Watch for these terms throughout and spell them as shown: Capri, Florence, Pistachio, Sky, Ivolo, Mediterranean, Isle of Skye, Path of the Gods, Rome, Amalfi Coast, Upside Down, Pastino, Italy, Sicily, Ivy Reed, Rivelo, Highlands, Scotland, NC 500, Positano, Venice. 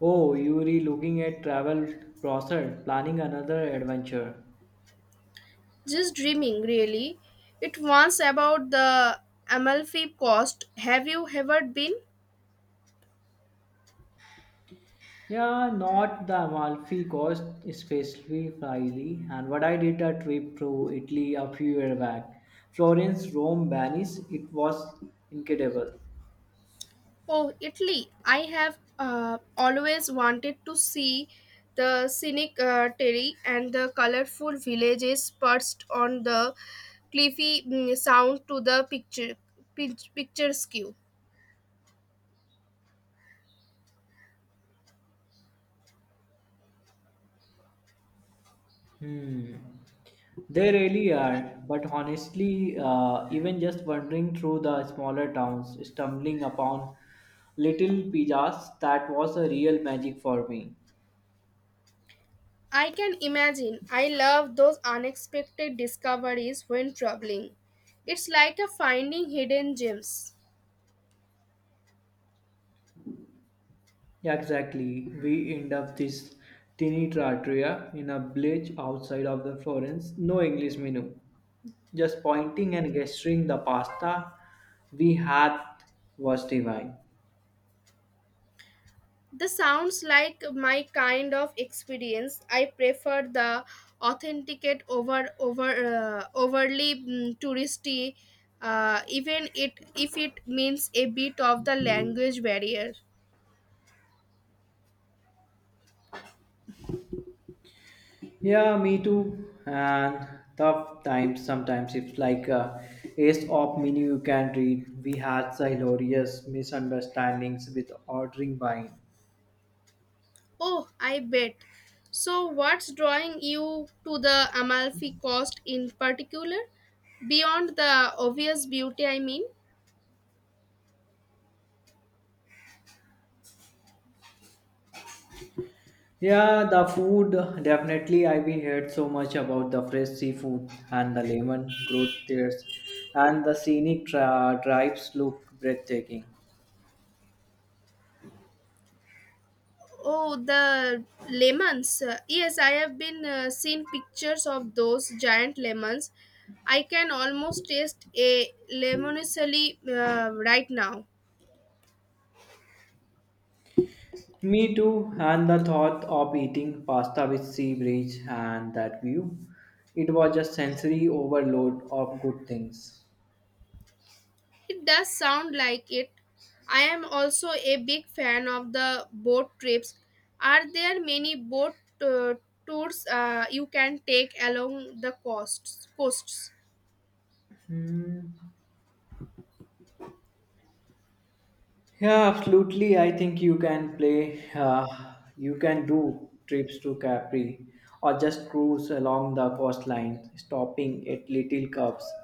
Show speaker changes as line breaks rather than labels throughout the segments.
Oh, you re looking at travel browser, planning another adventure.
Just dreaming, really. It was about the Amalfi Coast. Have you ever been?
Yeah, not the Amalfi Coast specifically, and what I did a trip to Italy a few years back. Florence, Rome, Venice, it was incredible.
Oh, Italy. I have always wanted to see the scenic terry and the colorful villages perched on the cliffy, sound to the picturesque.
Hmm. They really are, but honestly, even just wandering through the smaller towns, stumbling upon little pizzas, that was a real magic for me.
I can imagine. I love those unexpected discoveries when traveling. It's like a finding hidden gems.
Yeah, exactly. We end up this tiny trattoria in a village outside of the Florence. No English menu. Just pointing and gesturing the pasta we had was divine.
This sounds like my kind of experience. I prefer the authenticate over overly touristy, even it if it means a bit of the language barrier.
Yeah, me too. And tough times sometimes. It's like a ace of menu you can read. We had hilarious misunderstandings with ordering by.
Oh, I bet. So, what's drawing you to the Amalfi Coast in particular? Beyond the obvious beauty, I mean.
Yeah, the food definitely. I've been heard so much about the fresh seafood and the lemon growth there, and the scenic tribes look breathtaking.
Oh, the lemons. Yes, I have been seen pictures of those giant lemons. I can almost taste a lemoncelli right now.
Me too, and the thought of eating pasta with sea breeze and that view, it was a sensory overload of good things.
It does sound like it. I am also a big fan of the boat trips. Are there many boat uh, tours you can take along the coasts? Coasts.
Hmm. Yeah, absolutely. I think you can play, you can do trips to Capri or just cruise along the coastline, stopping at little cups.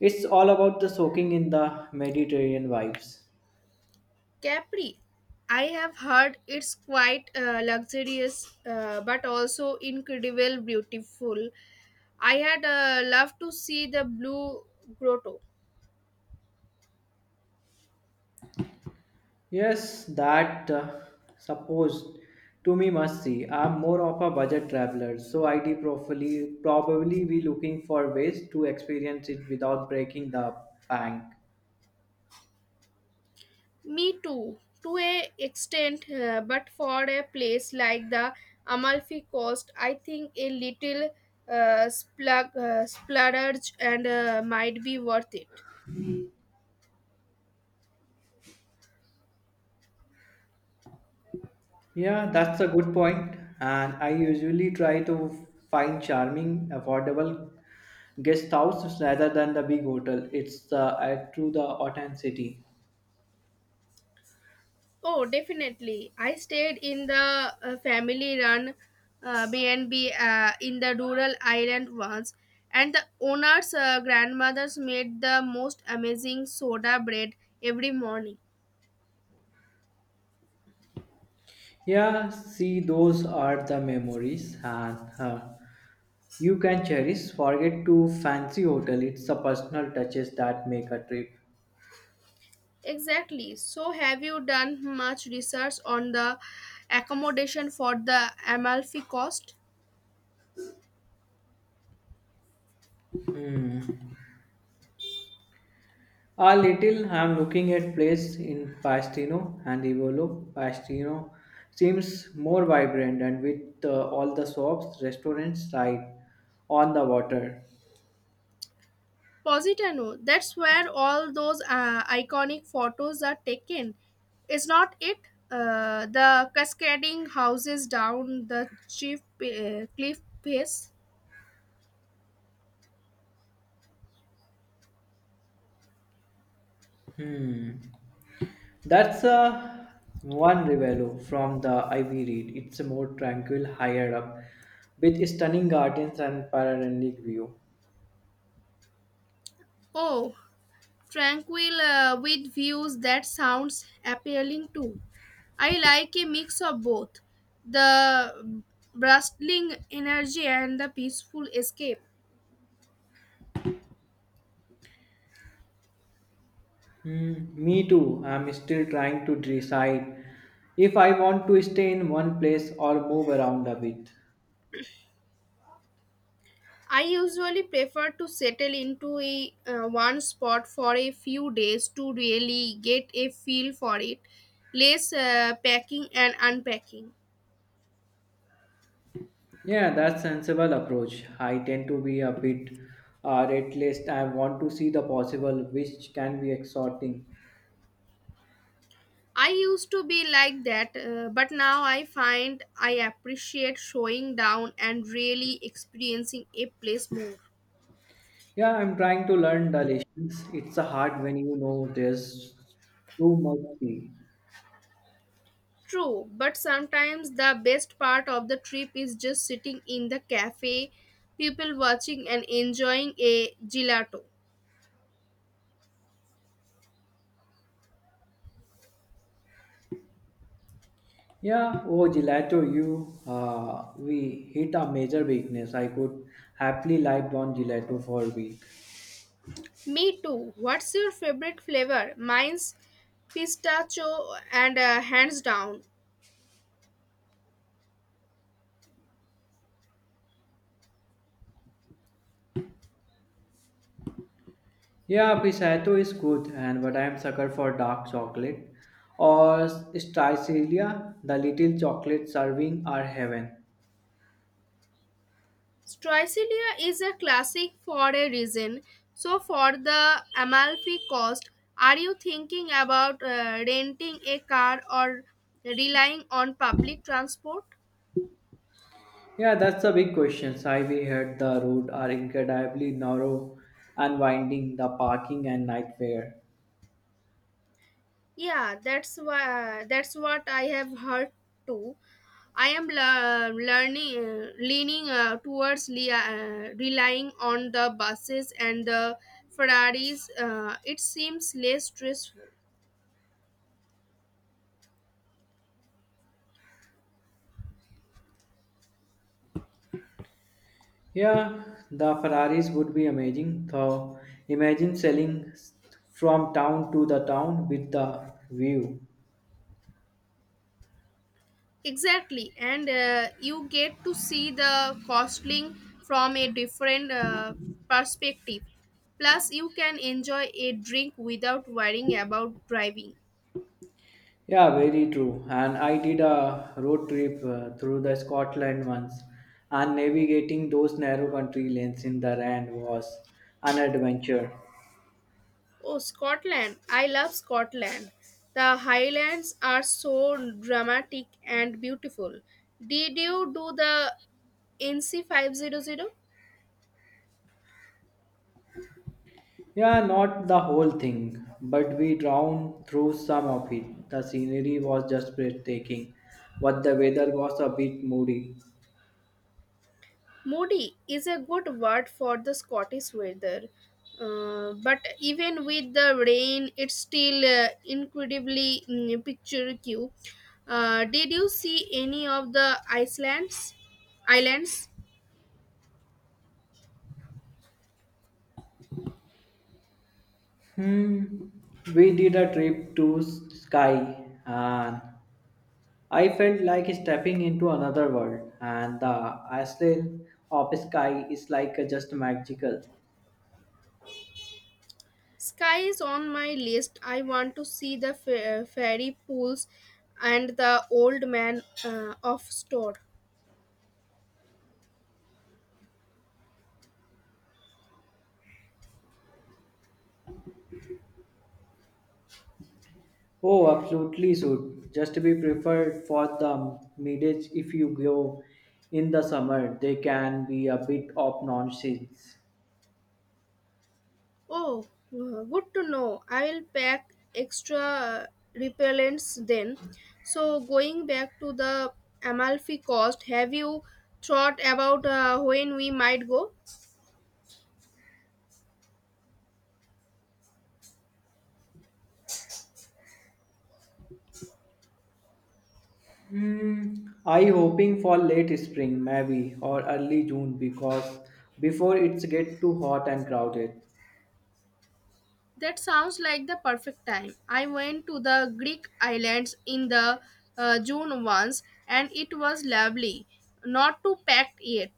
It's all about the soaking in the Mediterranean vibes.
Capri, I have heard it's quite luxurious but also incredible beautiful. I had loved to see the blue grotto.
Yes, that supposed to me must see. I'm more of a budget traveler, so I'd probably be looking for ways to experience it without breaking the bank.
Me too, to a extent, but for a place like the Amalfi Coast, I think a little splurge and might be worth it.
Yeah, that's a good point. And I usually try to find charming, affordable guest houses rather than the big hotel. It's the add to the authenticity.
Oh, definitely. I stayed in the family-run B&B in the rural island once, and the owner's grandmothers made the most amazing soda bread every morning.
Yeah, see, those are the memories, and you can cherish. Forget to fancy hotel. It's the personal touches that make a trip.
Exactly. So, have you done much research on the accommodation for the Amalfi Coast?
Hmm. A little. I'm looking at place in Pastino and Ivolo. Pastino seems more vibrant and with all the shops, restaurants right on the water.
Positano, that's where all those iconic photos are taken. Is not it? The cascading houses down the cliff face.
Hmm. That's one Rivelo from the Ivy Reed. It's a more tranquil higher up with stunning gardens and panoramic view.
Oh, tranquil with views that sounds appealing too. I like a mix of both the bustling energy and the peaceful escape.
Hmm, me too. I'm still trying to decide if I want to stay in one place or move around a bit.
I usually prefer to settle into a one spot for a few days to really get a feel for it, less packing and unpacking.
Yeah, that's sensible approach. I tend to be a bit red list. I want to see the possible, which can be exhorting.
I used to be like that, but now I find I appreciate showing down and really experiencing a place more.
Yeah, I'm trying to learn the lessons. It's a hard when you know there's too much. Tea.
True, but sometimes the best part of the trip is just sitting in the cafe, people watching and enjoying a gelato.
Yeah, oh gelato, you we hit a major weakness. I could happily live on gelato for a week.
Me too. What's your favorite flavor? Mine's pistachio and hands down.
Yeah, Pisato is good, and but I am sucker for dark chocolate or Stricelia. The little chocolate serving are heaven.
Stricilia is a classic for a reason. So for the Amalfi Coast, are you thinking about renting a car or relying on public transport?
Yeah, that's the big question. I Highway heard the road are incredibly narrow and winding, the parking and night fare.
Yeah, that's what I have heard too. I am le- learning leaning relying on the buses and the Ferraris. It seems less stressful.
Yeah, the Ferraris would be amazing. So imagine from town to the town with the view.
Exactly, and you get to see the costing from a different perspective. Plus, you can enjoy a drink without worrying about driving.
Yeah, very true. And I did a road trip through the Scotland once, and navigating those narrow country lanes in the rain was an adventure.
Oh, Scotland. I love Scotland. The Highlands are so dramatic and beautiful. Did you do the NC 500?
Yeah, not the whole thing, but we drowned through some of it. The scenery was just breathtaking, but the weather was a bit moody.
Moody is a good word for the Scottish weather. But even with the rain, it's still incredibly picturesque. Did you see any of the Icelands? Islands?
Hmm. We did a trip to Sky, and I felt like stepping into another world. And the island of Sky is like just magical.
Sky is on my list. I want to see the fairy pools and the old man of store.
Oh, absolutely should. Just be prepared for the mileage if you go in the summer. They can be a bit of nonsense.
Oh, good to know. I will pack extra repellents then. So, going back to the Amalfi Coast, have you thought about when we might go?
Hmm, I hoping for late spring maybe or early June because before it's get too hot and crowded.
That sounds like the perfect time. I went to the Greek islands in the June once and it was lovely. Not too packed yet.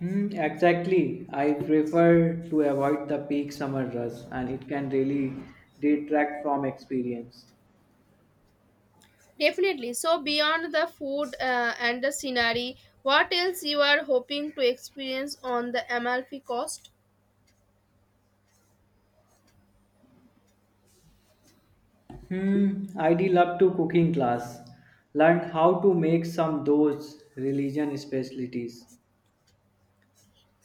Hmm, exactly. I prefer to avoid the peak summer rush and it can really detract from experience.
Definitely. So beyond the food and the scenery, what else you are hoping to experience on the Amalfi Coast?
Hmm, I'd love to cooking class. Learn how to make some those religion specialties.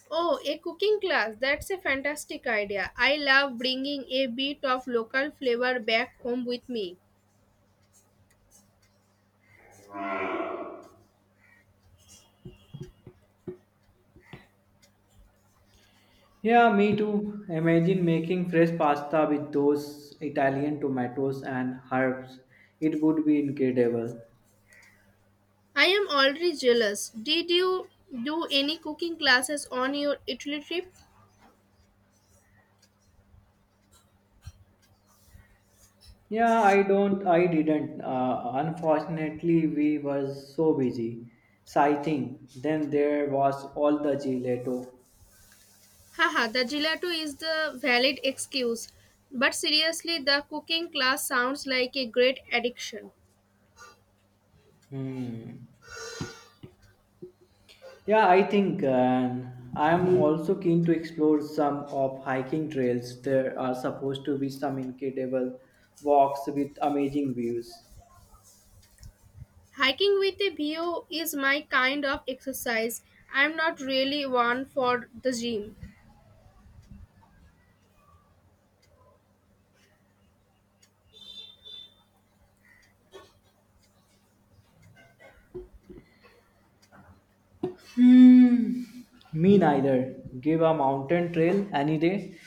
Oh, a cooking class. That's a fantastic idea. I love bringing a bit of local flavor back home with me.
Yeah, me too. Imagine making fresh pasta with those Italian tomatoes and herbs. It would be incredible.
I am already jealous. Did you do any cooking classes on your Italy trip?
Yeah, I didn't. Unfortunately, we were so busy sighting. Then there was all the gelato.
Haha, the gelato is the valid excuse. But seriously, the cooking class sounds like a great addiction.
Hmm. Yeah, I think I am also keen to explore some of hiking trails. There are supposed to be some incredible walks with amazing views.
Hiking with a view is my kind of exercise. I'm not really one for the gym.
Hmm, me neither. Give a mountain trail any day,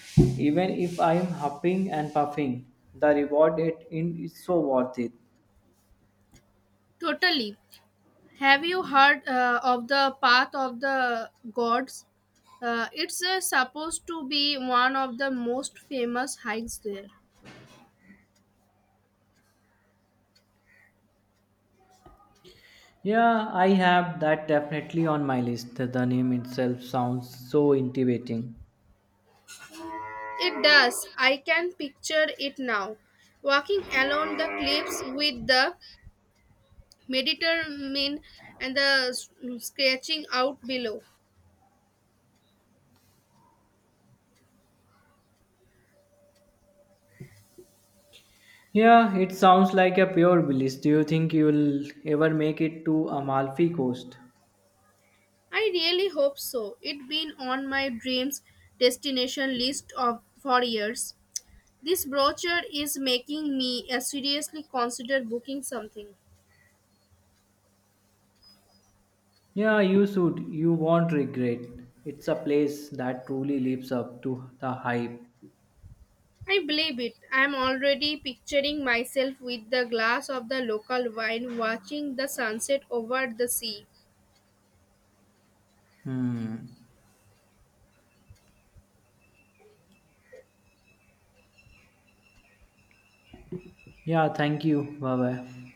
even if I'm huffing and puffing. The reward it in is so worth it.
Totally. Have you heard of the Path of the Gods? It's supposed to be one of the most famous hikes there.
Yeah, I have that definitely on my list. The name itself sounds so intimidating.
It does. I can picture it now. Walking along the cliffs with the Mediterranean and the scratching out below.
Yeah, it sounds like a pure bliss. Do you think you'll ever make it to Amalfi Coast?
I really hope so. It's been on my dreams destination list of for years. This brochure is making me seriously consider booking something.
Yeah, you should. You won't regret. It's a place that truly lives up to the hype.
I believe it. I'm already picturing myself with the glass of the local wine watching the sunset over the sea.
Hmm. Yeah, thank you. Bye bye.